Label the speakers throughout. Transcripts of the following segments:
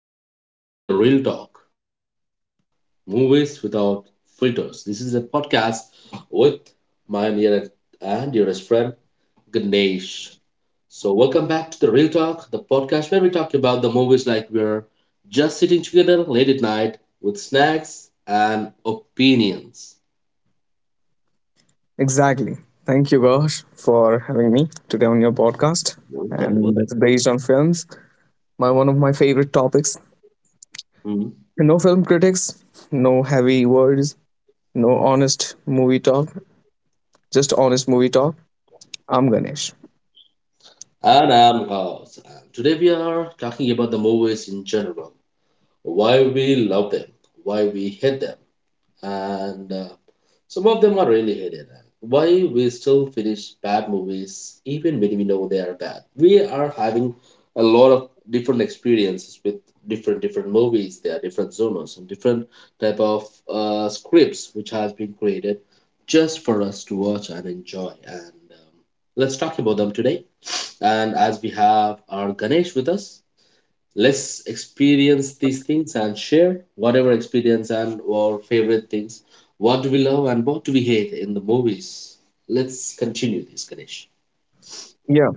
Speaker 1: everyone, welcome to the Real Talk Movies Without Filters. This is a podcast with my near and dearest friend Ganesh. So, welcome back to the Real Talk, the podcast where we talk about the movies like we're just sitting together late at night with snacks and opinions.
Speaker 2: Exactly. Thank you, Gosh, for having me today on your podcast.
Speaker 1: Welcome,
Speaker 2: And
Speaker 1: welcome.
Speaker 2: it's based on films, my one of my favorite topics.
Speaker 1: Mhm.
Speaker 2: No film critics, no heavy words, no honest movie talk, just honest movie talk. I'm Ganesh.
Speaker 1: And I'm Gauss. And today we are talking about the movies in general, why we love them, why we hate them, and some of them are really hated. Why we still finish bad movies even when we know they are bad? We are having a lot of different experiences with different movies. There are different genres and different type of scripts which has been created just for us to watch and enjoy. And let's talk about them today. And as we have our Ganesh with us, let's experience these things and share whatever experience and our favorite things, what do we love and what do we hate in the movies. Let's continue this, ganesh
Speaker 2: Yeah.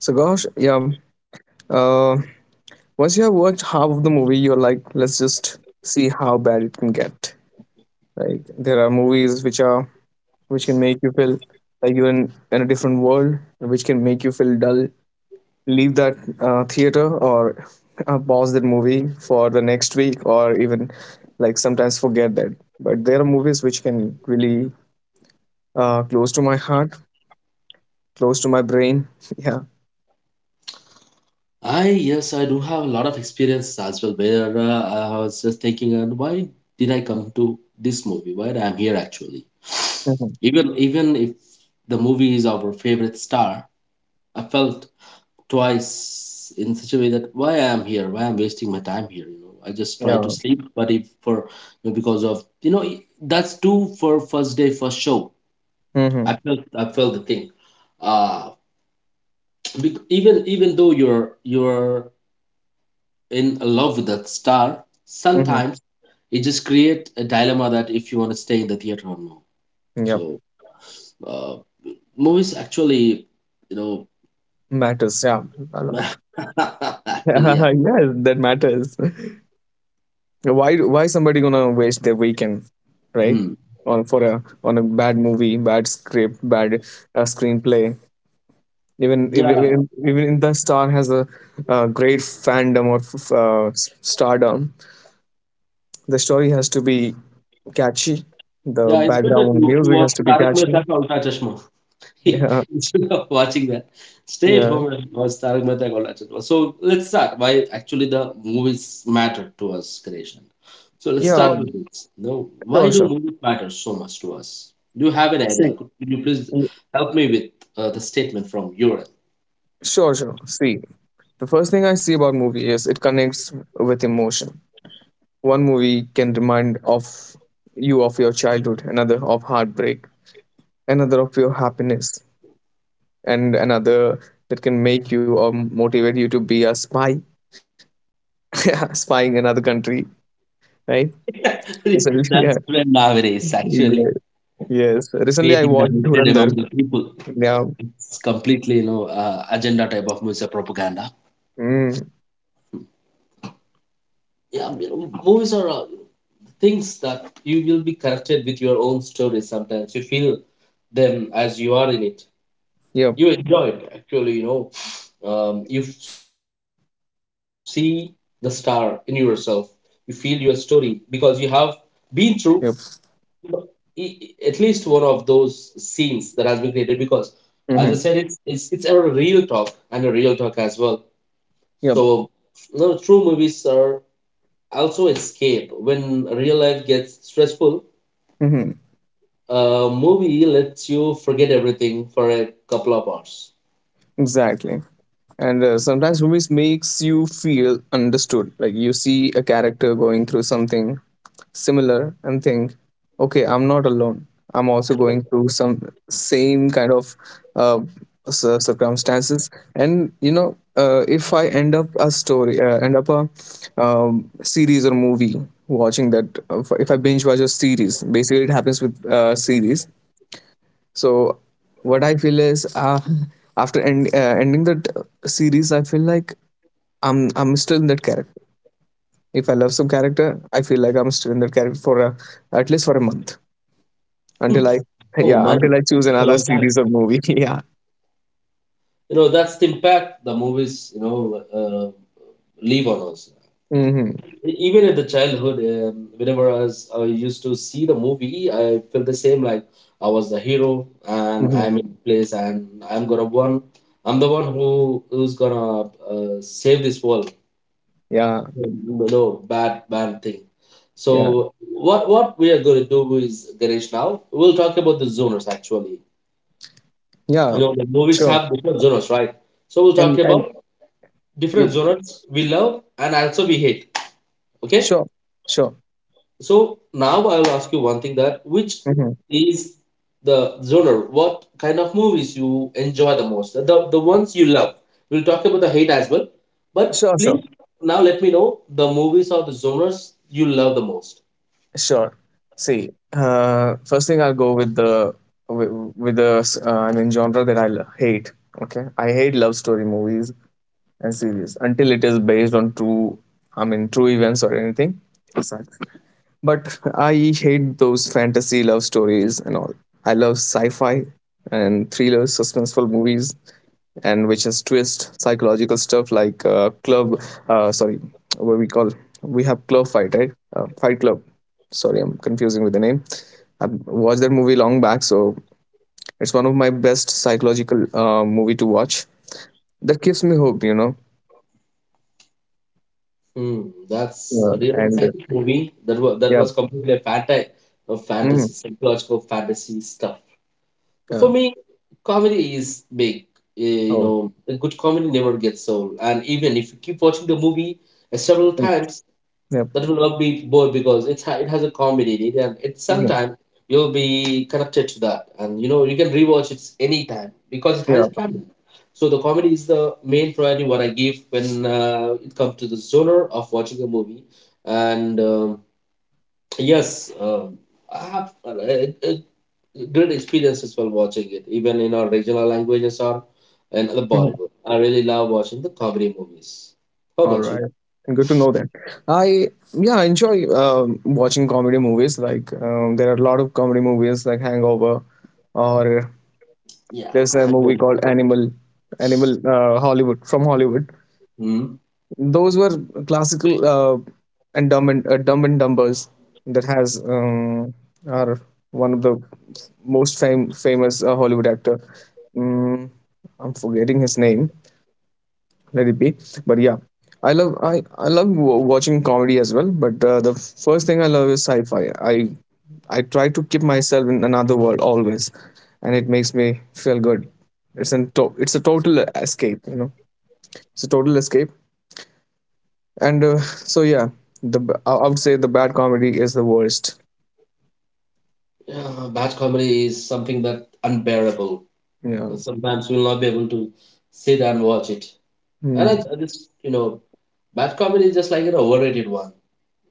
Speaker 2: So, Gosh, yeah. Uh, Once you have watched half of the movie, you're like, let's just see how bad it can get. Like there are movies which can make you feel like you're in a different world, which can make you feel dull, leave that theater, or pause that movie for the next week, or even like sometimes forget that. But there are movies which can really close to my heart, close to my brain. Yeah.
Speaker 1: i yes, I do have a lot of experiences as well, where I was just thinking, and why did I come to this movie, why I'm here actually.
Speaker 2: Hmm.
Speaker 1: Even if the movie is our favorite star, I felt twice in such a way that why I am here, why I'm wasting my time here. You know, I just try to
Speaker 2: Yeah.
Speaker 1: sleep, but if for you know, because of you know that's two for first day first show. I
Speaker 2: Hmm.
Speaker 1: felt I felt the thing. Uh, even though you're in love with that star,
Speaker 2: Hmm.
Speaker 1: sometimes it just create a dilemma that if you want to stay in the theater or no.
Speaker 2: Yeah.
Speaker 1: So uh, movies actually, you know,
Speaker 2: Matters. Yeah, a lot.
Speaker 1: actually yeah.
Speaker 2: Yes, that matters. Why somebody gonna waste their weekend, right,
Speaker 1: Hmm.
Speaker 2: on for a on a bad movie, bad script, bad screenplay? even
Speaker 1: Yeah,
Speaker 2: even even the star has a, great fandom or stardom, the story has to be catchy, the
Speaker 1: yeah, it's better
Speaker 2: background
Speaker 1: to
Speaker 2: music has
Speaker 1: watch
Speaker 2: to be
Speaker 1: Tarak
Speaker 2: catchy.
Speaker 1: Mehta ka Ulta Chashma
Speaker 2: Yeah.
Speaker 1: instead of watching that. Stay at
Speaker 2: Yeah.
Speaker 1: home and watch Tarak Mehta ka Ulta Chashma. So let's start. Why actually the movies matter to us, creation. So let's
Speaker 2: Yeah.
Speaker 1: start with this. No, why
Speaker 2: Sure.
Speaker 1: do
Speaker 2: sure
Speaker 1: movies matter so much to us? Do you have an
Speaker 2: see
Speaker 1: idea? Could you please
Speaker 2: y-
Speaker 1: help me with the statement from your
Speaker 2: sure sure See, the first thing I see about movie is it connects with emotion. One movie can remind of you of your childhood, another of heartbreak, another of your happiness, and another that can make you or motivate you to be a spy. Yeah, spying another country, right? So,
Speaker 1: end?
Speaker 2: yeah,
Speaker 1: That's trend nowadays.
Speaker 2: yeah,
Speaker 1: Actually,
Speaker 2: yes. Recently, I
Speaker 1: creating the
Speaker 2: watched
Speaker 1: hatred
Speaker 2: Dhurandhar.
Speaker 1: among the people.
Speaker 2: Yeah.
Speaker 1: It's completely you know agenda type of music propaganda.
Speaker 2: Mm.
Speaker 1: Yeah, you know, movies are things that you will be connected with your own story sometimes. You feel them as you are in it.
Speaker 2: Yep.
Speaker 1: You enjoy it, actually, you know. You see the star in yourself. You feel your story because you have been through
Speaker 2: Yep.
Speaker 1: at least one of those scenes that has been created, because as I
Speaker 2: Mm-hmm.
Speaker 1: said, it's a real talk, and a real talk as well. So
Speaker 2: Yep.
Speaker 1: no, true, movies are also escape when real life gets stressful.
Speaker 2: Mm-hmm.
Speaker 1: A movie lets you forget everything for a couple of hours.
Speaker 2: Exactly. And sometimes movies makes you feel understood. Like you see a character going through something similar and think, okay, I'm not alone. I'm also going through some same kind of uh, circumstances. And you know, if I end up a story, end up a series or movie, watching that, if I binge watch a series, basically it happens with series. So what I feel is, ending that series, I feel like I'm still in that character. If I love some character, I feel like I'm still in that character for a, at least for a month, until I
Speaker 1: Oh
Speaker 2: yeah,
Speaker 1: man,
Speaker 2: until I choose
Speaker 1: it's a
Speaker 2: another
Speaker 1: long time.
Speaker 2: series or movie. Yeah.
Speaker 1: You know, that's the impact the movies you know uh, leave on us.
Speaker 2: Mm-hmm.
Speaker 1: Even in the childhood, whenever I used to see the movie, I felt the same, like I was the hero and
Speaker 2: Mm-hmm.
Speaker 1: I'm in place and I'm the one who who's gonna save this world.
Speaker 2: Yeah.
Speaker 1: No, no, bad thing.
Speaker 2: Yeah.
Speaker 1: So what we are going to do is, Ganesh, now we'll talk about the genres actually.
Speaker 2: Yeah.
Speaker 1: You know, the movies
Speaker 2: Sure.
Speaker 1: have different genres, right? So we'll talk
Speaker 2: And
Speaker 1: about
Speaker 2: you.
Speaker 1: different genres we love and also we hate. Okay.
Speaker 2: sure sure
Speaker 1: So now I will ask you one thing, that which
Speaker 2: mm-hmm.
Speaker 1: is the genre? What kind of movies you enjoy the most? The ones you love. We'll talk about the hate as well. But
Speaker 2: sure
Speaker 1: please
Speaker 2: sure
Speaker 1: now let me know the movies or the genres you love the most.
Speaker 2: sure. See, first thing I'll go with with, with the I mean genre that I hate. Okay, I hate love story movies and series until it is based on true, I mean true events or anything. So, but I hate those fantasy love stories and all. I love sci-fi and thrillers, suspenseful movies, and which has twist psychological stuff like club. Sorry, what we call, we have club fight, right? Fight Club. Sorry, I'm confusing with the name. I watched that movie long back, so it's one of my best psychological movie to watch. That gives me hope, you know.
Speaker 1: Hmm, that's
Speaker 2: Yeah,
Speaker 1: a real
Speaker 2: and
Speaker 1: scientific movie. That was that
Speaker 2: yeah.
Speaker 1: was completely a
Speaker 2: Mm.
Speaker 1: fantasy, psychological fantasy stuff.
Speaker 2: Yeah.
Speaker 1: For me, comedy is big. Eh, you
Speaker 2: Oh,
Speaker 1: know, a good comedy never gets old. And even if you keep watching the movie several
Speaker 2: mm,
Speaker 1: times,
Speaker 2: yeah.
Speaker 1: that will not be bored, because it has a comedy in it, and it's
Speaker 2: Mhm.
Speaker 1: sometime you'll be connected to that, and you know you can rewatch it anytime because it
Speaker 2: Yeah.
Speaker 1: has comedy. So the comedy is the main priority what I give when it comes to the genre of watching a movie. And yes, I have great experiences while watching it, even in our regional languages or in other
Speaker 2: Mhm.
Speaker 1: Bollywood. I really love watching the comedy movies. How
Speaker 2: All
Speaker 1: about you?
Speaker 2: right, good to know that. I yeah enjoy watching comedy movies. Like there are a lot of comedy movies like Hangover, or
Speaker 1: Yeah.
Speaker 2: there's a movie
Speaker 1: Mm-hmm.
Speaker 2: called Animal, Animal Hollywood, from Hollywood. Those were classical, and Dumb and Dumb and Dumbers, that has are one of the most famous Hollywood actor. Mm, I'm forgetting his name, let it be. But yeah, I love watching comedy as well, but the first thing I love is sci-fi. i I try to keep myself in another world always, and it makes me feel good. It's a total escape, you know, it's a total escape. And so yeah, the b- I would say the bad comedy is the worst.
Speaker 1: Yeah, bad comedy is something that unbearable.
Speaker 2: Yeah.
Speaker 1: And sometimes we'll not be able to sit and watch it. And I,
Speaker 2: Hmm.
Speaker 1: I just, you know, bad comedy is just like an overrated one.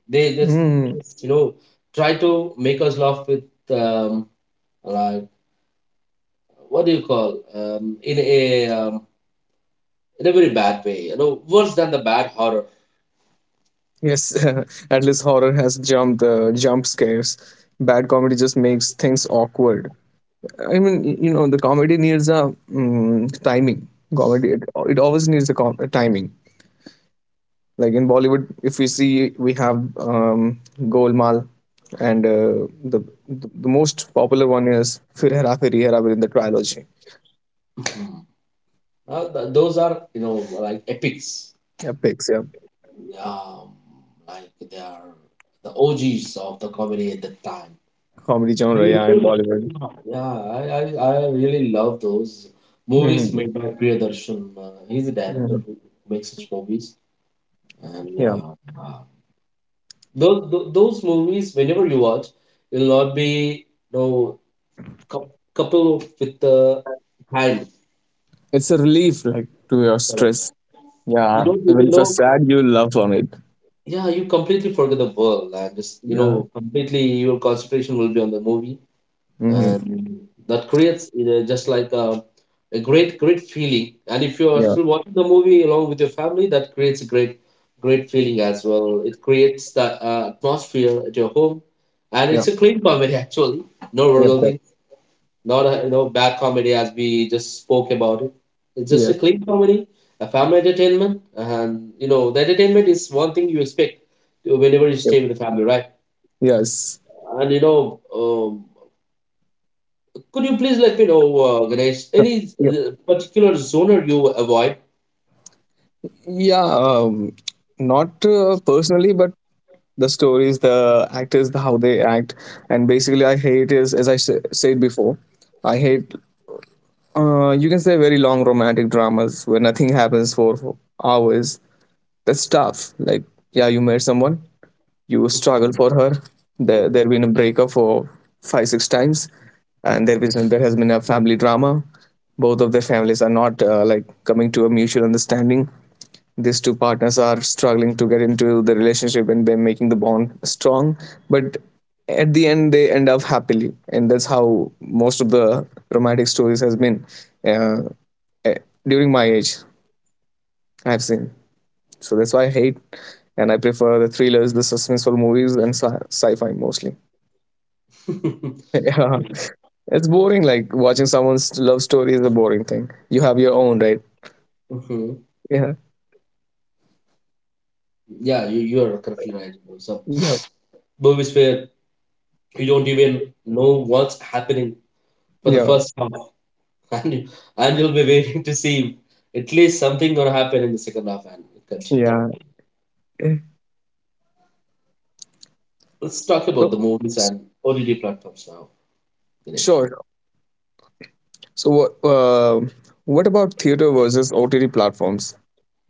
Speaker 1: They just,
Speaker 2: Hmm.
Speaker 1: they just you know, try to make us laugh with, um, like, what do you call, in a very bad way. You know, worse than the bad horror.
Speaker 2: Yes. At least horror has jump scares. Bad comedy just makes things awkward. I mean, you know, the comedy needs a timing. Comedy, it always needs a timing. Like in Bollywood, if we see, we have Golmaal, and the most popular one is Fir Hera Feri Hera Feri, the trilogy.
Speaker 1: Mhm. Those are, you know, like epics.
Speaker 2: Yeah, picks, yeah.
Speaker 1: Um, like they are the OGs of the comedy at the time.
Speaker 2: Comedy genre,
Speaker 1: Yeah,
Speaker 2: yeah, in Bollywood.
Speaker 1: I really love those movies
Speaker 2: Mhm.
Speaker 1: made by Priyadarshan. He's a director
Speaker 2: Mhm.
Speaker 1: who makes such movies. And yeah,
Speaker 2: Yeah,
Speaker 1: uh, those movies, whenever you watch, you'll not be, you know, couple with the hand.
Speaker 2: it's a relief, like to your
Speaker 1: Correct.
Speaker 2: stress.
Speaker 1: You
Speaker 2: Yeah,
Speaker 1: don't
Speaker 2: even
Speaker 1: even
Speaker 2: if you're
Speaker 1: know.
Speaker 2: sad, you laugh on it.
Speaker 1: Yeah, you completely forget the world and just, you
Speaker 2: Yeah.
Speaker 1: know, completely your concentration will be on the movie.
Speaker 2: Hmm.
Speaker 1: And that creates just like a great feeling. And if you are
Speaker 2: Yeah.
Speaker 1: still watching the movie along with your family, that creates a great feeling as well. It creates the atmosphere at your home, and it's
Speaker 2: Yeah.
Speaker 1: a clean comedy actually. No
Speaker 2: Yep.
Speaker 1: real
Speaker 2: Yep.
Speaker 1: thing, not a you know bad comedy as we just spoke about it. It's just a
Speaker 2: Yes.
Speaker 1: clean comedy, a family entertainment. And you know the entertainment is one thing you expect whenever you
Speaker 2: Yep.
Speaker 1: stay with the family, right?
Speaker 2: Yes.
Speaker 1: And you know could you please let me know, Ganesh,
Speaker 2: Huh.
Speaker 1: any
Speaker 2: Yep.
Speaker 1: particular zoner you avoid?
Speaker 2: Yeah, not personally, but the stories, the actors, the how they act, and basically, I hate is as I said before, I hate. You can say very long romantic dramas where nothing happens for hours. That's tough. Like, yeah, you met someone, you struggle for her. There been a breakup for five, six times, and there has been a family drama. Both of their families are not like coming to a mutual understanding. These two partners are struggling to get into the relationship and they're making the bond strong, but at the end they end up happily, and that's how most of the romantic stories has been, uh, eh, during my age I've seen. So that's why I hate, and I prefer the thrillers, the suspenseful movies, and sci-fi mostly. Yeah. It's boring, like watching someone's love story is a boring thing, you have your own, right?
Speaker 1: Mhm.
Speaker 2: Yeah.
Speaker 1: Yeah, you are correctly right, bro. Some
Speaker 2: Yeah.
Speaker 1: movies where you don't even know what's happening for the
Speaker 2: Yeah.
Speaker 1: first half, and you, and you'll be waiting to see at least something gonna happen in the second half and continue.
Speaker 2: Yeah. So
Speaker 1: Let's talk about the movies
Speaker 2: s-
Speaker 1: and OTT platforms now, Ganesh.
Speaker 2: sure. So, what uh, what about theater versus OTT platforms?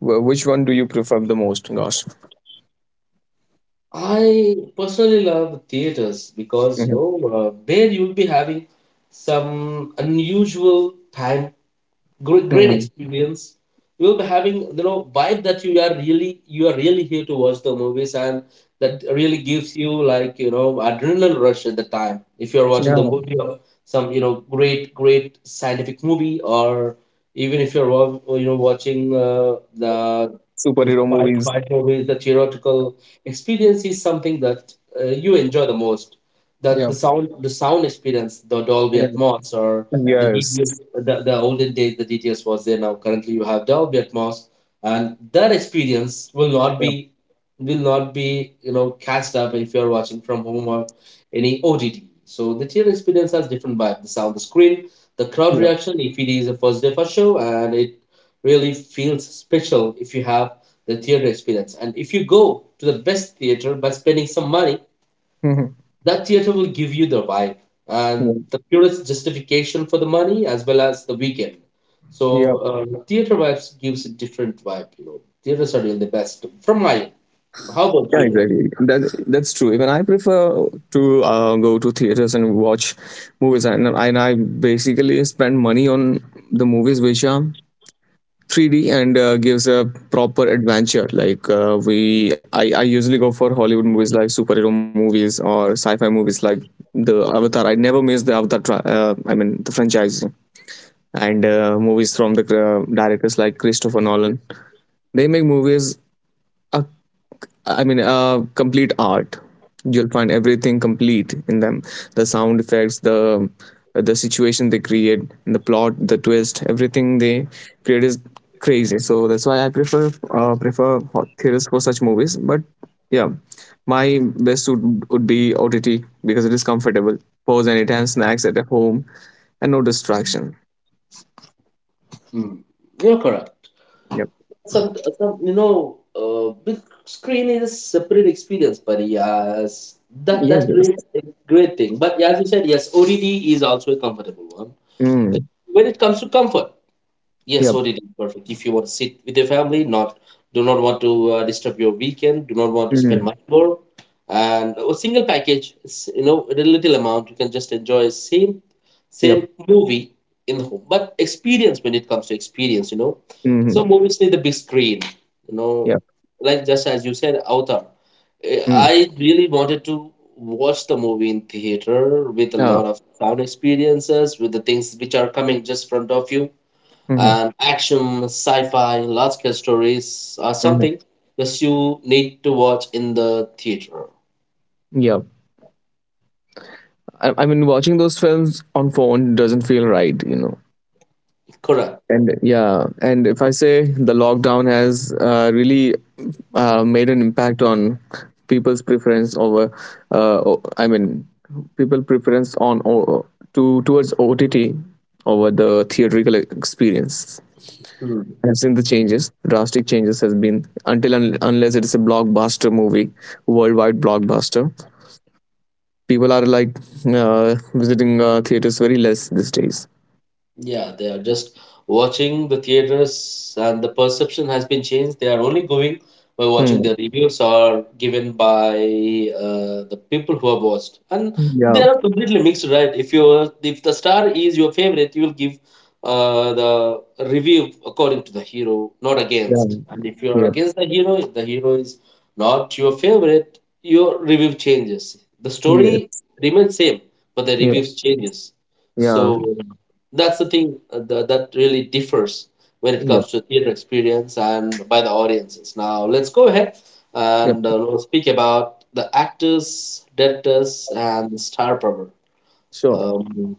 Speaker 2: Which one do you prefer the most, Gosh?
Speaker 1: I personally love theaters because you
Speaker 2: Hmm.
Speaker 1: know there you'll be having some unusual time, great
Speaker 2: Hmm.
Speaker 1: experience. You will be having you know vibe that you are really here to watch the movies, and that really gives you like you know adrenaline rush at the time, if you are watching the
Speaker 2: Yeah.
Speaker 1: movie or some you know great scientific movie, or even if you're you know watching the
Speaker 2: Superhero
Speaker 1: fight
Speaker 2: movies.
Speaker 1: fight movies. The theoretical experience is something that you enjoy the most. That the
Speaker 2: Yeah.
Speaker 1: sound, the sound experience, the Dolby
Speaker 2: Yeah.
Speaker 1: Atmos or the
Speaker 2: Yes.
Speaker 1: DTS, the olden days, the DTS was there. Now currently you have Dolby Atmos, and that experience will not
Speaker 2: Yep.
Speaker 1: be, will not be you know cast up if you are watching from home or any OTT. So the theater experience has different vibe. The sound, the screen, the crowd
Speaker 2: Yep.
Speaker 1: reaction. If it is a first day first show, and it really feels special if you have the theater experience. And if you go to the best theater by spending some money,
Speaker 2: Mm-hmm.
Speaker 1: that theater will give you the vibe and the purest justification for the money as well as the weekend. So
Speaker 2: Yep.
Speaker 1: theater vibes gives a different vibe, you know. Theaters are really the best from my end. How about
Speaker 2: Yeah,
Speaker 1: you, Dinesh?
Speaker 2: exactly. That that's true. Even I prefer to go to theaters and watch movies, and I basically spend money on the movies which are 3D and gives a proper adventure. Like I usually go for Hollywood movies like superhero movies or sci-fi movies like the Avatar. I never miss the Avatar. I mean the franchise, and movies from the directors like Christopher Nolan. They make movies a, I mean, complete art. You'll find everything complete in them. The sound effects, the situation they create, and the plot, the twist, everything they create is crazy. So that's why I prefer prefer hot theaters for such movies. But yeah, my best would be OTT because it is comfortable. Pause anytime, snacks at home, and no distraction.
Speaker 1: Mm. You're correct.
Speaker 2: Yep.
Speaker 1: Some you know, big screen is a separate experience, but yes, that
Speaker 2: Yes.
Speaker 1: that
Speaker 2: Yes.
Speaker 1: creates a great thing. But as you said, yes, ODD is also a comfortable one. But
Speaker 2: Mm.
Speaker 1: when it comes to comfort, yes,
Speaker 2: Yep.
Speaker 1: ODD is perfect. If you want to sit with your family, not do not want to disturb your weekend, do not want to spend
Speaker 2: Mm.
Speaker 1: much more, and a single package, is, you know, a little amount, you can just enjoy same
Speaker 2: Yep.
Speaker 1: movie in the home. But experience, when it comes to experience, you know,
Speaker 2: Mm-hmm.
Speaker 1: some movies need the big screen, you know,
Speaker 2: Yep.
Speaker 1: like just as you said, Avatar. Eh,
Speaker 2: Mm.
Speaker 1: I really wanted to watch the movie in theater with a
Speaker 2: Yeah.
Speaker 1: lot of sound experiences, with the things which are coming just front of you
Speaker 2: Mm-hmm.
Speaker 1: and action, sci-fi, large-scale stories are
Speaker 2: Mm-hmm.
Speaker 1: something that you need to watch in the theater.
Speaker 2: Yep. I mean, watching those films on phone doesn't feel right, you know.
Speaker 1: Correct.
Speaker 2: And yeah, and if I say the lockdown has really made an impact on people's preference over, I mean, people preference to towards OTT over the theatrical experience. I've seen the changes, drastic changes has been, until unless it is a blockbuster movie, worldwide blockbuster. People are like visiting theaters very less these days.
Speaker 1: Yeah, they are just watching the theaters, and the perception has been changed. They are only going by watching
Speaker 2: Hmm.
Speaker 1: the reviews or given by the people who have watched, and they
Speaker 2: Yeah.
Speaker 1: are completely mixed, right? If you if the star is your favorite, you will give the review according to the hero, not
Speaker 2: Yeah.
Speaker 1: against. And if you are
Speaker 2: Yep.
Speaker 1: against the hero, if the hero is not your favorite, your review changes. The story
Speaker 2: Yes.
Speaker 1: remains same, but the
Speaker 2: Yeah.
Speaker 1: reviews changes. So
Speaker 2: Yeah.
Speaker 1: that's the thing that really differs when it
Speaker 2: Yep.
Speaker 1: comes to theater experience and by the audiences. Now let's go ahead
Speaker 2: Yep.
Speaker 1: and we'll speak about the actors, directors, and the star power.
Speaker 2: Sure.
Speaker 1: um,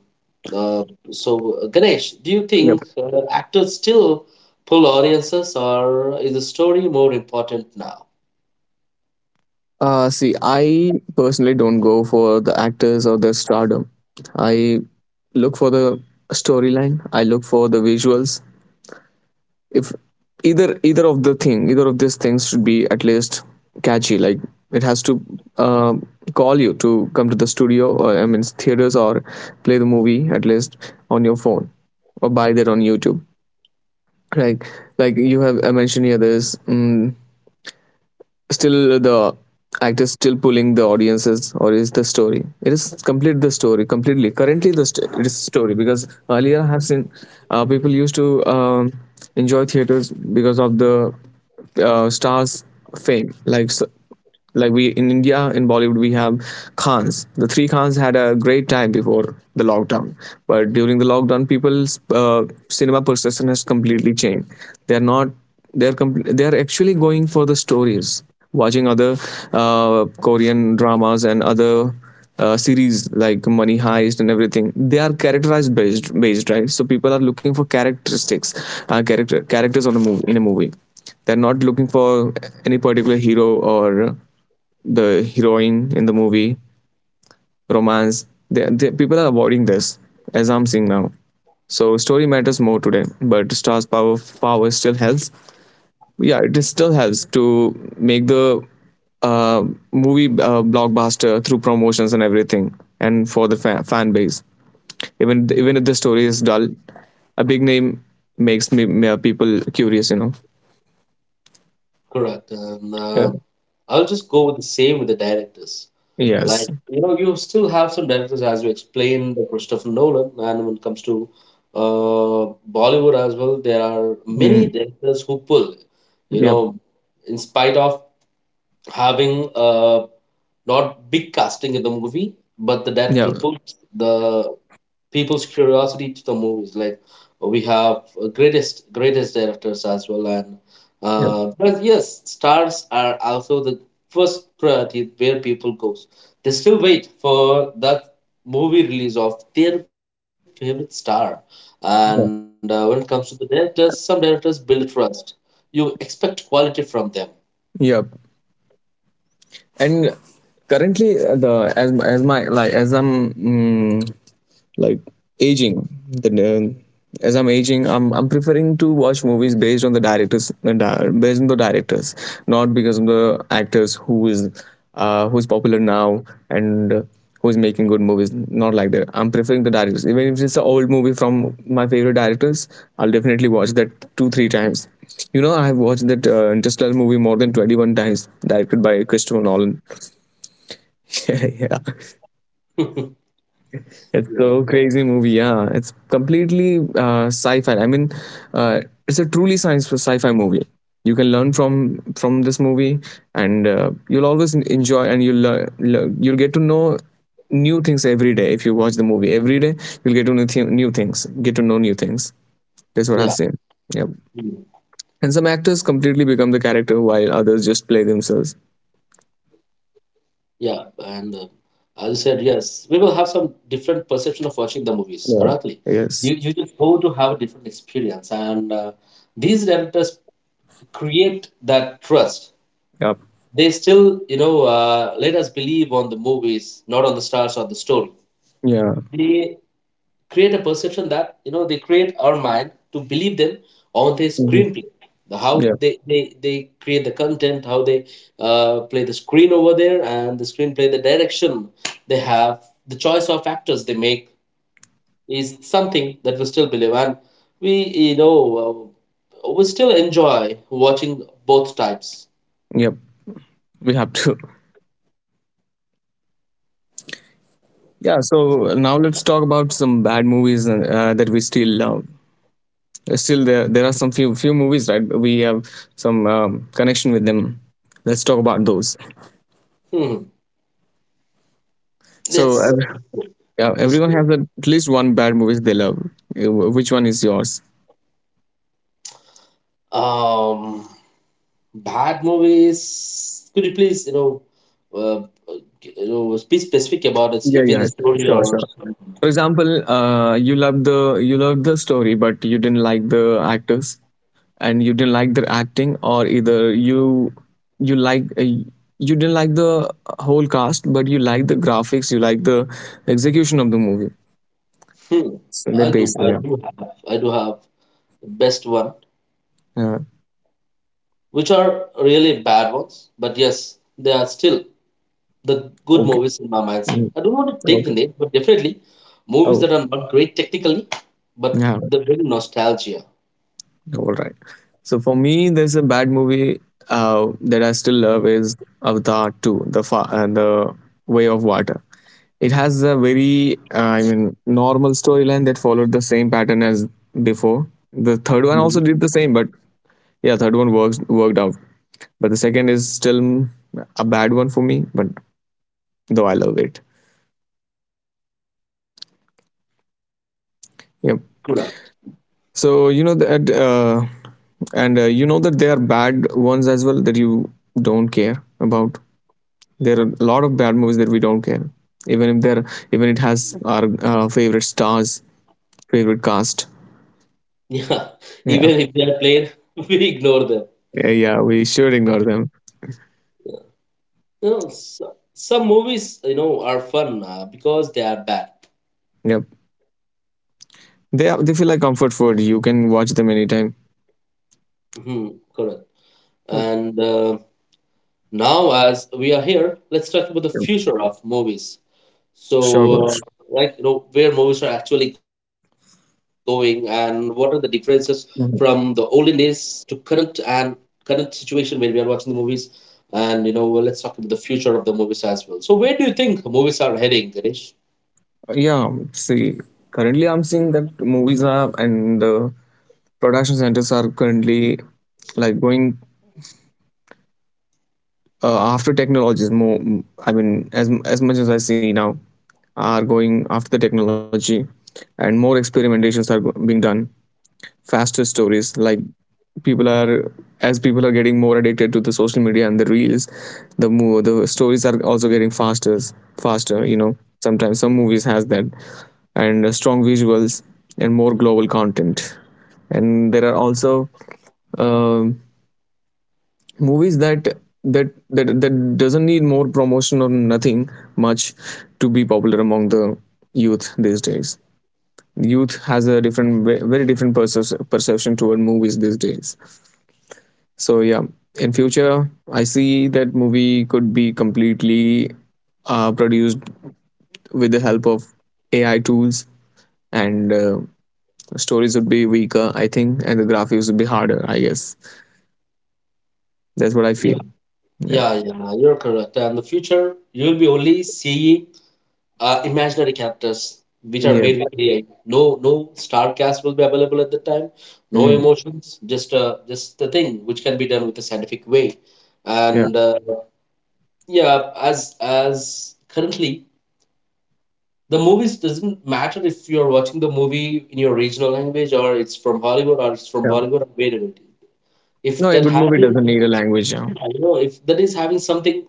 Speaker 1: uh, so uh, Ganesh, do you think
Speaker 2: Yep.
Speaker 1: actors still pull audiences, or is the story more important now?
Speaker 2: See, I personally don't go for the actors or the stardom. I look for the storyline. I look for the visuals. If either of the thing, either of these things should be at least catchy. Like it has to uh, call you to come to the studio, or I mean theaters, or play the movie at least on your phone, or buy that on YouTube. like like you have mentioned here, there's still the actor still pulling the audiences, or is the story? It is complete, the story completely currently it is story. Because earlier I have seen people used to enjoy theaters because of the stars fame. Like like we in India, in Bollywood, we have Khans. The three Khans had a great time before the lockdown. But during the lockdown, people's uh, cinema perception has completely changed. They're not, they're actually going for the stories, watching other Korean dramas and other series like Money Heist and everything. They are characterized based, right? So people are looking for characteristics, characters on a movie, in a movie. They're not looking for any particular hero or the heroine in the movie, romance. People are avoiding this, as I'm seeing now. So story matters more today, but stars power still helps. Yeah, it is still helps to make the uh, movie blockbuster through promotions and everything, and for the fan base. Even if the story is dull, a big name makes people curious. You know.
Speaker 1: Correct. and
Speaker 2: Uh,
Speaker 1: uh, I'll just go with the same with the directors. Like
Speaker 2: yes.
Speaker 1: you know, you still have some directors, as you explained, the Christopher Nolan, and when it comes to uh, Bollywood as well, there are many
Speaker 2: Mm,
Speaker 1: directors who pull. You
Speaker 2: yeah.
Speaker 1: know, in spite of having not big casting in the movie, but the
Speaker 2: Yeah.
Speaker 1: director pulls the people's curiosity to the movies. Like we have greatest directors as well, and
Speaker 2: Yep.
Speaker 1: but yes, stars are also the first priority where people goes. They still wait for that movie release of their favorite star. And when it
Speaker 2: Yeah.
Speaker 1: comes to the directors, some directors build trust. You expect quality from them.
Speaker 2: Yep. And currently, the as my like as I'm. Like aging the as I'm aging, I'm preferring to watch movies based on the directors and based on the directors, not because of the actors who is who's popular now and who's making good movies. Not like that. I'm preferring the directors. Even if it's an old movie from my favorite directors, I'll definitely watch that 2 3 times. You know, I have watched that Interstellar movie more than 21 times, directed by Christopher Nolan. Yeah, yeah. It's
Speaker 1: yeah,
Speaker 2: so crazy movie. Yeah, it's completely sci-fi. I mean, uh, it's a truly science for sci-fi movie. You can learn from this movie, and you'll always enjoy, and you'll you'll get to know new things every day. If you watch the movie every day, you'll get to know new things. Get to know new things. That's what I've
Speaker 1: yeah.
Speaker 2: seen. Yep. And some actors completely become the character, while others just play themselves.
Speaker 1: Yeah, and as you said, yes, we will have some different perception of watching the movies. Correctly,
Speaker 2: Yeah.
Speaker 1: you
Speaker 2: Yes.
Speaker 1: just go to have a different experience, and these directors create that trust.
Speaker 2: Yep.
Speaker 1: They still, you know, let us believe on the movies, not on the stars or the story.
Speaker 2: Yeah.
Speaker 1: They create a perception that, you know, they create our mind to believe them on the
Speaker 2: Mhm.
Speaker 1: screenplay, the how
Speaker 2: Yep.
Speaker 1: they create the content, how they play the screen over there, and the screenplay, the direction they have, the choice of actors they make is something that we still believe, and we, you know, we still enjoy watching both types.
Speaker 2: Yep. We have to. Yeah, so now let's talk about some bad movies that we still love. Still, there are some few movies, right? We have some connection with them. Let's talk about those.
Speaker 1: Hmm.
Speaker 2: So,
Speaker 1: Yes,
Speaker 2: yeah,
Speaker 1: let's go.
Speaker 2: everyone has at least one bad movie they love. Which one is yours?
Speaker 1: um Bad movies. Could you please, uh, uh, you know, be specific about it,
Speaker 2: Yeah,
Speaker 1: if it's
Speaker 2: yeah,
Speaker 1: a story
Speaker 2: sure,
Speaker 1: or
Speaker 2: sure.
Speaker 1: something.
Speaker 2: For example, you love the story, but you didn't like the actors. And you didn't like their acting, or either you you didn't like the whole cast, but you like the graphics, you like the execution of the movie.
Speaker 1: Hmm.
Speaker 2: So
Speaker 1: I
Speaker 2: that
Speaker 1: do,
Speaker 2: basically,
Speaker 1: I
Speaker 2: yeah.
Speaker 1: do have, I do have the best one,
Speaker 2: Yeah.
Speaker 1: which are really bad ones. But yes, they are still the good
Speaker 2: Okay.
Speaker 1: movies in my minds.
Speaker 2: Mm.
Speaker 1: I don't want to take the
Speaker 2: Okay.
Speaker 1: name, but definitely movies
Speaker 2: Oh,
Speaker 1: that are not great technically, but
Speaker 2: yeah.
Speaker 1: they bring nostalgia.
Speaker 2: All right, so for me, there's a bad movie that I still love is Avatar 2, the Way of Water. It has a very I mean normal storyline that followed the same pattern as before. The third one
Speaker 1: Mhm.
Speaker 2: also did the same, but yeah, third one works worked out. But the second is still a bad one for me, but though I love it. Yep.
Speaker 1: Correct.
Speaker 2: So you know that and you know that there are bad ones as well that you don't care about. There are a lot of bad movies that we don't care, even if they're, even it has our favorite stars, favorite cast.
Speaker 1: Yeah,
Speaker 2: Yeah.
Speaker 1: even if they are played, we ignore them.
Speaker 2: Yeah, yeah, we should ignore them.
Speaker 1: You know s some movies, you know, are fun because they are bad.
Speaker 2: Yep. They are, they feel like comfort food, you can watch them anytime.
Speaker 1: Hmm. Correct.
Speaker 2: Yep.
Speaker 1: And now as we are here, let's talk about the
Speaker 2: Yep.
Speaker 1: future of movies. so
Speaker 2: Sure,
Speaker 1: uh,
Speaker 2: Gosh.
Speaker 1: like you know, where movies are actually going and what are the differences from the olden days to current and current situation where we are watching the movies. And you know, let's talk about the future of the movies as well. So where do you think movies are heading, Ganesh?
Speaker 2: Yeah, see, currently I'm seeing that movies are and the production centers are currently like going after technologies more. I mean, as much as I see now, are going after the technology, and more experimentations are being done. Faster stories like people are, as people are getting more addicted to the social media and the reels, the more the stories are also getting faster, faster, you know. Sometimes some movies has that, and strong visuals and more global content. And there are also um movies that that that doesn't need more promotion or nothing much to be popular among the youth these days. Youth has a different very different perception toward movies these days. So yeah, in future, I see that movie could be completely produced with the help of AI tools, and stories would be weaker, I think, and the graphics would be harder. I guess that's what I feel. Yeah,
Speaker 1: Yeah, yeah, you're correct. And the future, you will be only seeing imaginary characters which are
Speaker 2: yeah,
Speaker 1: made with AI. No, no star cast will be available at the time. No
Speaker 2: mm,
Speaker 1: emotions, just the thing which can be done with a scientific way.
Speaker 2: yeah,
Speaker 1: And yeah, as currently, the movies doesn't matter if you're watching the movie in your regional language, or it's from Hollywood, or it's from
Speaker 2: yeah.
Speaker 1: Bollywood, or wherever it is. If
Speaker 2: No, a
Speaker 1: that
Speaker 2: good
Speaker 1: had
Speaker 2: movie doesn't need a language. Yeah,
Speaker 1: I don't know if that is having something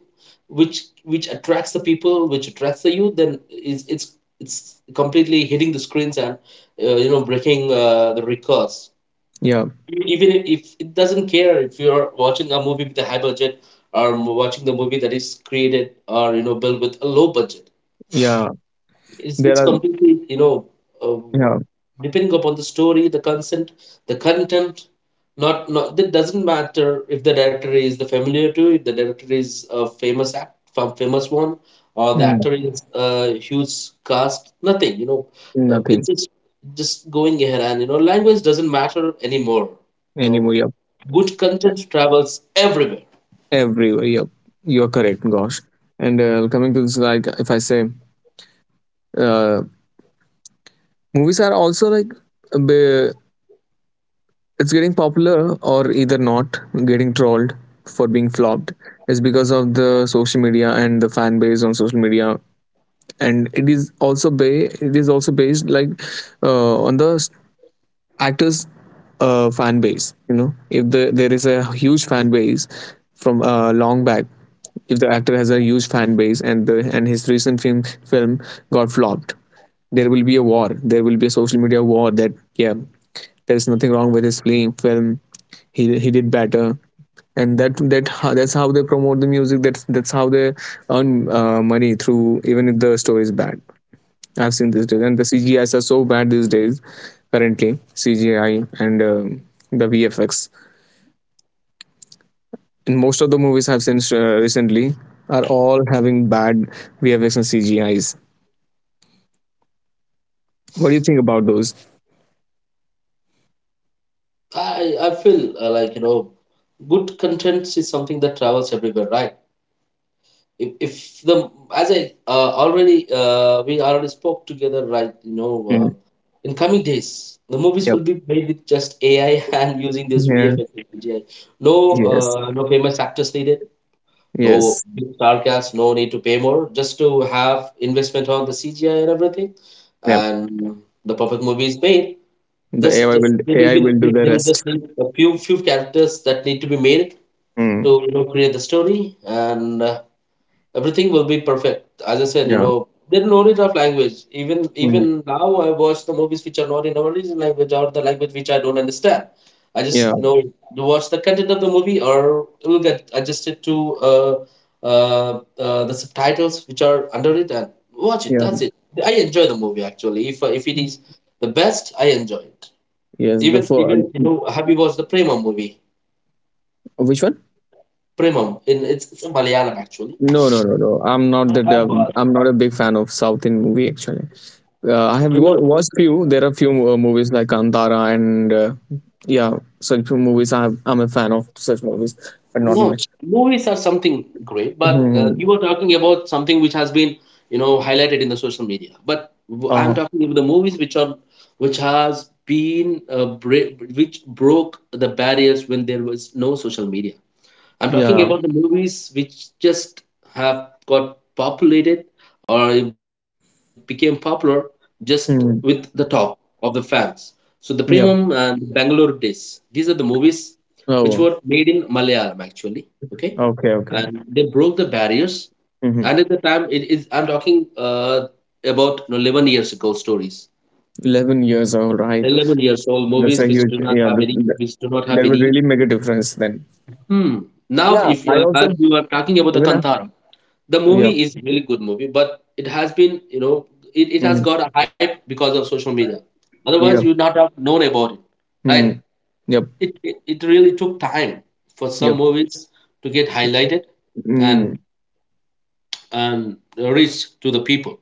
Speaker 1: which attracts the people, which attracts the youth, then it's completely hitting the screens and you know breaking the records.
Speaker 2: yeah,
Speaker 1: Even if it doesn't care if you're watching a movie with a high budget or watching the movie that is created or you know built with a low budget,
Speaker 2: yeah. There
Speaker 1: it's
Speaker 2: are,
Speaker 1: completely you know, um,
Speaker 2: yeah,
Speaker 1: depending upon the story, the consent, the content. Not not it doesn't matter if the director is the familiar to, if the director is a famous act, from famous one, or the
Speaker 2: mm,
Speaker 1: actor is a huge cast. Nothing, you know,
Speaker 2: nothing
Speaker 1: it's just going ahead. And you know, language doesn't matter anymore. You know,
Speaker 2: anymore. Yeah,
Speaker 1: good content travels everywhere.
Speaker 2: everywhere. Yeah, you're correct, Gosh. And coming to this, like if I say, uh, movies are also like a it's getting popular or either not, getting trolled for being flopped, is because of the social media and the fan base on social media. And it is also it is also based like on the actors fan base. You know, if the, there is a huge fan base from long back, if the actor has a huge fan base and the, and his recent film got flopped, there will be a war, there will be a social media war that, yeah, there's nothing wrong with his playing film, he did better. And that's how they promote the music, that's how they earn money through, even if the story is bad. I've seen these days, and the CGIs are so bad these days. Currently, CGI and the VFX in most of the movies I've seen recently are all having bad VFX and CGIs. What do you think about those?
Speaker 1: I feel like you know, good content is something that travels everywhere, right? If the, as I already we already spoke together, right? You know,
Speaker 2: Mm.
Speaker 1: in coming days, the movies will
Speaker 2: Yep.
Speaker 1: be made with just AI and using this
Speaker 2: Yeah.
Speaker 1: VFX and CGI. No,
Speaker 2: Yes.
Speaker 1: no famous actors needed, no
Speaker 2: Yes.
Speaker 1: big star cast, no need to pay more, just to have investment on the CGI and everything.
Speaker 2: Yep.
Speaker 1: And the perfect movie is made.
Speaker 2: The
Speaker 1: just,
Speaker 2: AI
Speaker 1: just
Speaker 2: will
Speaker 1: they will
Speaker 2: AI
Speaker 1: be,
Speaker 2: will do
Speaker 1: they
Speaker 2: the
Speaker 1: they will
Speaker 2: rest.
Speaker 1: just need a few characters that need to be made, to
Speaker 2: Mm.
Speaker 1: you know, create the story. And everything will be perfect. As I said, you
Speaker 2: Yeah.
Speaker 1: know, there's no need of language even. Even
Speaker 2: Mm.
Speaker 1: now I watch the movies which are not in our original language or the language which I don't understand. I
Speaker 2: Yeah.
Speaker 1: just, you know, do watch the content of the movie, or it will get adjusted to uh, uh, the subtitles which are under it, and watch it,
Speaker 2: Yeah.
Speaker 1: that's it. I enjoy the movie actually. If it is the best, I enjoy it.
Speaker 2: Yes. The
Speaker 1: Even,
Speaker 2: for
Speaker 1: even, you know, have you watched the Premam movie?
Speaker 2: which one?
Speaker 1: Premam, in it's a Malayalam actually.
Speaker 2: No, no, no, no. I'm not
Speaker 1: I-
Speaker 2: that.
Speaker 1: I've watched.
Speaker 2: I'm not a big fan of South Indian movie actually. Uh, I have
Speaker 1: I know.
Speaker 2: watched few. There are few movies like Antara and yeah, such movies. I'm a fan of such movies, but not
Speaker 1: No,
Speaker 2: much.
Speaker 1: movies are something great, but
Speaker 2: Hmm.
Speaker 1: you were talking about something which has been, you know, highlighted in the social media. But I'm
Speaker 2: Oh,
Speaker 1: talking about the movies which are, which has been, which broke the barriers when there was no social media. I'm talking
Speaker 2: yeah.
Speaker 1: about the movies which just have got populated or it became popular just with the
Speaker 2: Hmm.
Speaker 1: talk of the fans. So the
Speaker 2: Yep.
Speaker 1: Premium and Bangalore Days. These are the movies which were
Speaker 2: Oh,
Speaker 1: made in Malayalam actually. Okay,
Speaker 2: okay, okay.
Speaker 1: and they broke the barriers. And
Speaker 2: Hmm.
Speaker 1: at the time, it is, I'm talking about you know, 11 years ago stories.
Speaker 2: 11 years old, right?
Speaker 1: 11 years old
Speaker 2: That's
Speaker 1: movies
Speaker 2: a
Speaker 1: which
Speaker 2: huge,
Speaker 1: do not
Speaker 2: yeah.
Speaker 1: have any, which do not have
Speaker 2: That will
Speaker 1: any.
Speaker 2: really make a difference then.
Speaker 1: Hmm. Now,
Speaker 2: Yeah,
Speaker 1: if you
Speaker 2: I
Speaker 1: are, as
Speaker 2: also,
Speaker 1: you are talking about the
Speaker 2: even I,
Speaker 1: Kantara, the
Speaker 2: yep.
Speaker 1: movie is really good movie, but it has been you know, it has
Speaker 2: Hmm.
Speaker 1: got a hype because of social media. Otherwise you would
Speaker 2: Yep.
Speaker 1: not have known about it, right?
Speaker 2: Hmm. Yep.
Speaker 1: It really took time for some
Speaker 2: Yep.
Speaker 1: movies to get highlighted
Speaker 2: Mm.
Speaker 1: and and reach to the people.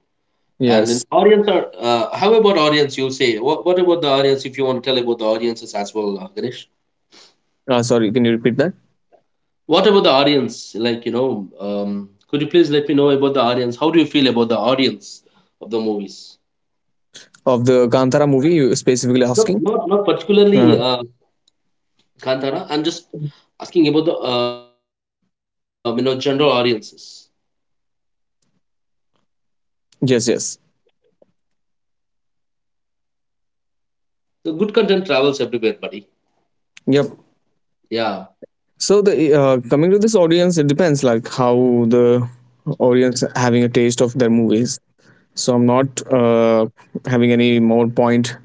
Speaker 1: And an
Speaker 2: Yes.
Speaker 1: audience are how about audience, you say, what about the audience, if you want to tell about the audiences as well, Ganesh?
Speaker 2: Sorry, can you repeat that?
Speaker 1: What about the audience, like you know, could you please let me know about the audience, how do you feel about the audience of the movies?
Speaker 2: Of the Kantara movie, you specifically
Speaker 1: Not
Speaker 2: asking?
Speaker 1: not not
Speaker 2: Uh,
Speaker 1: particularly Kantara. I'm just asking about the you know, general audiences.
Speaker 2: yes. Yes.
Speaker 1: The good content travels everywhere, buddy.
Speaker 2: Yep.
Speaker 1: Yeah,
Speaker 2: So the, coming to this audience, it depends like how the audience having a taste of their movies. So I'm not having any more point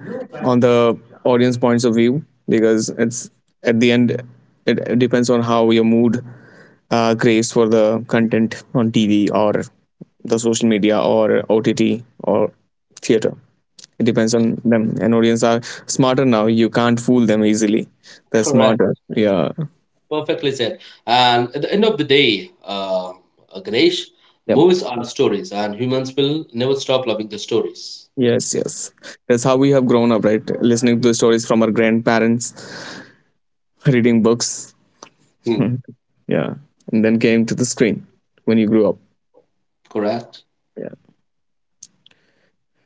Speaker 2: on the audience points of view, because it's at the end, it depends on how your mood craves for the content on TV or the social media or OTT or theater. It depends on them. And audience are smarter now. You can't fool them easily. They're
Speaker 1: correct.
Speaker 2: smarter. Yeah.
Speaker 1: Perfectly said. And at the end of the day, Ganesh,
Speaker 2: Yep.
Speaker 1: movies are stories, and humans will never stop loving the stories.
Speaker 2: Yes, yes. That's how we have grown up, right? Listening to stories from our grandparents, reading books.
Speaker 1: Hmm,
Speaker 2: yeah. And then came to the screen when you grew up.
Speaker 1: correct.
Speaker 2: Yeah.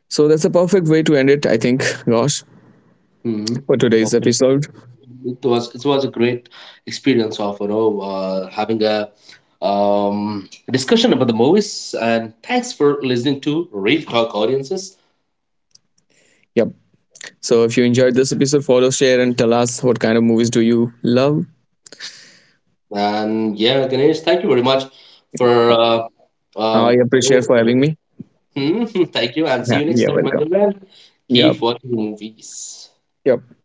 Speaker 2: So that's a perfect way to end it, I think, Gosh,
Speaker 1: Hmm.
Speaker 2: for today's
Speaker 1: Okay.
Speaker 2: episode.
Speaker 1: It was a great experience of you know, having a discussion about the movies. And thanks for listening to Real Talk audiences.
Speaker 2: Yep. So if you enjoyed this episode, follow, share, and tell us what kind of movies do you love.
Speaker 1: And yeah, Ganesh, thank you very much for
Speaker 2: Yep. I
Speaker 1: um,
Speaker 2: appreciate for having me.
Speaker 1: thank you, and see
Speaker 2: Yeah,
Speaker 1: you next
Speaker 2: you're
Speaker 1: time.
Speaker 2: welcome.
Speaker 1: Until then,
Speaker 2: Yep.
Speaker 1: keep watching movies.
Speaker 2: Yep.